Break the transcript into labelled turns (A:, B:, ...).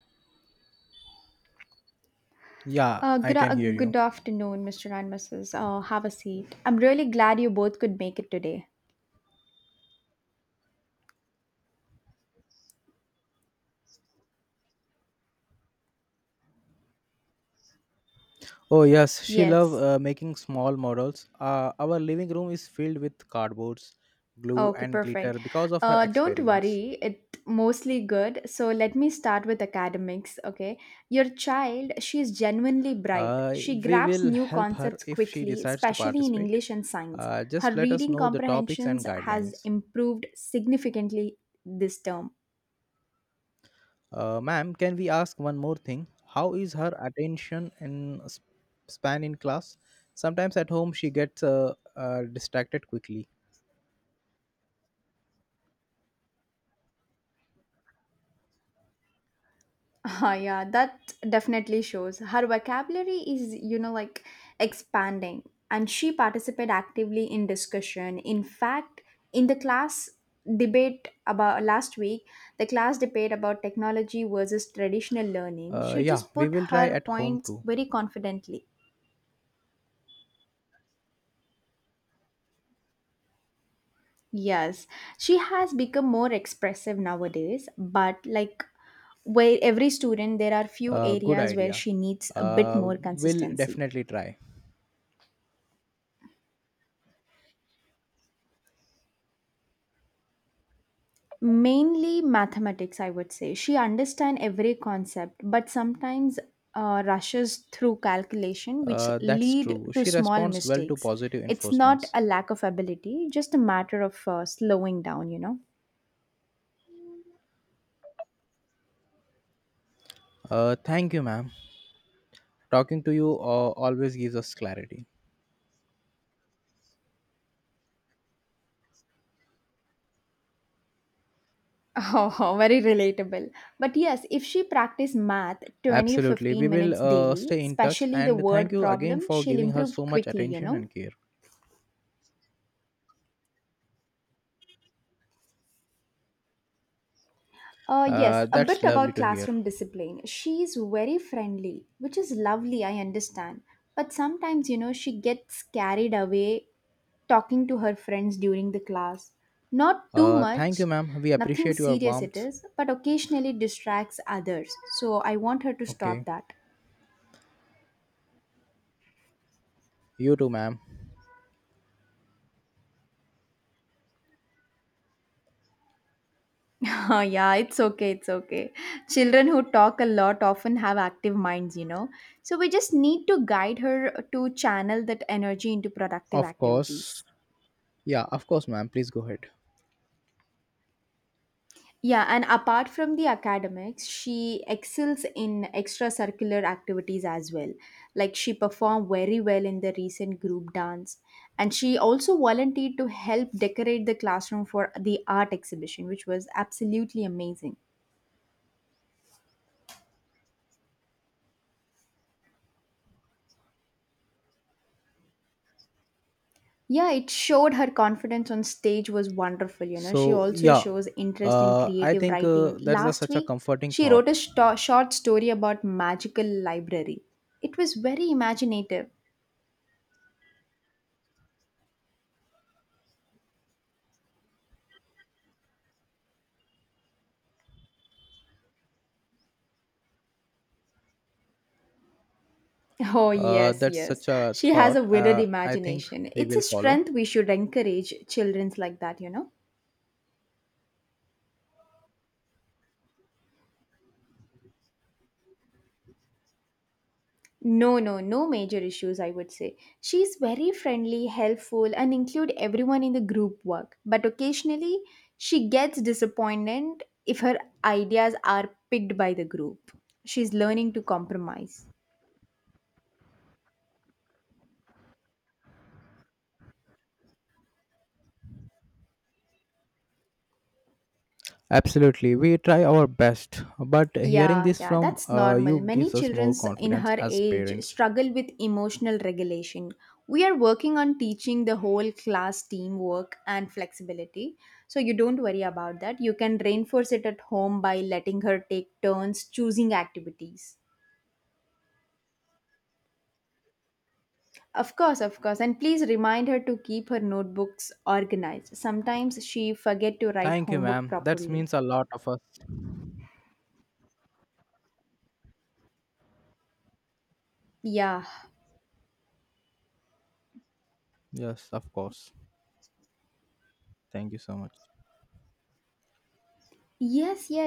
A: Yeah, I can hear
B: Good
A: you.
B: afternoon, Mr. and Mrs. Have a seat. I'm really glad you both could make it today.
A: Oh yes, she love
B: Yes.
A: making small models. Our living room is filled with cardboards, glue,
B: Okay,
A: and
B: perfect.
A: glitter because of her
B: Don't
A: experiments.
B: worry, it's mostly good. So let me start with academics, okay? Your child, she's genuinely bright.
A: Uh,
B: She
A: we
B: grabs
A: will
B: new
A: help her
B: concepts
A: if she
B: quickly,
A: decides to
B: especially in
A: participate.
B: English and science.
A: Uh,
B: Her
A: just let us
B: reading
A: know the topics
B: comprehensions
A: and
B: has
A: guidelines.
B: improved significantly this term.
A: Ma'am, can we ask one more thing? How is her attention and span in class? Sometimes at home she gets distracted quickly.
B: Ah, yeah, that definitely shows. Her vocabulary is, like expanding, and she participated actively in discussion. In fact, in the class debate about last week, the class debate about technology versus traditional learning,
A: Uh,
B: she
A: yeah,
B: just
A: we
B: put
A: will try
B: her
A: at home
B: points
A: too.
B: very confidently. Yes, she has become more expressive nowadays, but like where every student, there are few
A: Good
B: areas where
A: idea.
B: she needs a bit
A: Uh,
B: more
A: will
B: consistency.
A: definitely try.
B: Mainly mathematics, I would say she understands every concept, but sometimes rushes through calculation which
A: That's
B: lead
A: true.
B: to
A: She
B: small
A: responds well to
B: mistakes.
A: positive
B: It's not
A: enforcements.
B: a lack of ability, just a matter of slowing down.
A: Thank you, ma'am. Talking to you always gives us clarity.
B: Oh, very relatable. But yes, if she practice math 20 to
A: Absolutely. We
B: 15
A: will
B: minutes daily,
A: stay in touch
B: especially the
A: and thank
B: word
A: you again
B: problem,
A: for
B: she'll
A: giving her
B: improve
A: so much
B: quickly you
A: attention
B: know
A: and care.
B: Yes,
A: Uh,
B: a bit
A: that's lovely
B: about
A: to hear.
B: classroom discipline. She's very friendly, which is lovely, I understand. But sometimes, she gets carried away talking to her friends during the class. Not too
A: Thank
B: much,
A: you, ma'am. We
B: nothing
A: appreciate your
B: serious it
A: warmth.
B: is, but occasionally distracts others. So I want her to stop
A: Okay.
B: that.
A: You too, ma'am.
B: Oh, yeah, it's okay, it's okay. Children who talk a lot often have active minds. So we just need to guide her to channel that energy into productive
A: Of course.
B: activities.
A: Yeah, of course, ma'am. Please go ahead.
B: Yeah, and apart from the academics, she excels in extracurricular activities as well. Like she performed very well in the recent group dance, and she also volunteered to help decorate the classroom for the art exhibition, which was absolutely amazing. Yeah, it showed her confidence on stage was wonderful. She
A: So
B: also
A: yeah,
B: shows interest in
A: I
B: creative
A: think
B: writing. Last
A: such a
B: week,
A: comforting
B: she
A: thought.
B: wrote a short story about magical library. It was very imaginative. Oh,
A: Uh,
B: yes,
A: that's
B: yes.
A: such a
B: She has
A: thought.
B: a vivid
A: I think
B: imagination.
A: we
B: It's a
A: will follow.
B: strength we should encourage children's like that, you know? No, no, no major issues, I would say. She's very friendly, helpful, and include everyone in the group work. But occasionally, she gets disappointed if her ideas are picked by the group. She's learning to compromise.
A: Absolutely, we try our best, but hearing
B: Yeah,
A: this
B: yeah,
A: from
B: that's normal.
A: you
B: Many
A: gives us
B: children
A: more
B: in
A: confidence
B: her
A: as
B: age
A: parents.
B: struggle with emotional regulation. We are working on teaching the whole class teamwork and flexibility. So you don't worry about that. You can reinforce it at home by letting her take turns choosing activities. Of course, of course. And please remind her to keep her notebooks organized. Sometimes she forget to write
A: Thank you,
B: homework
A: ma'am. That
B: properly.
A: means a lot of us.
B: Yeah.
A: Yes, of course. Thank you so much.
B: Yes, yes,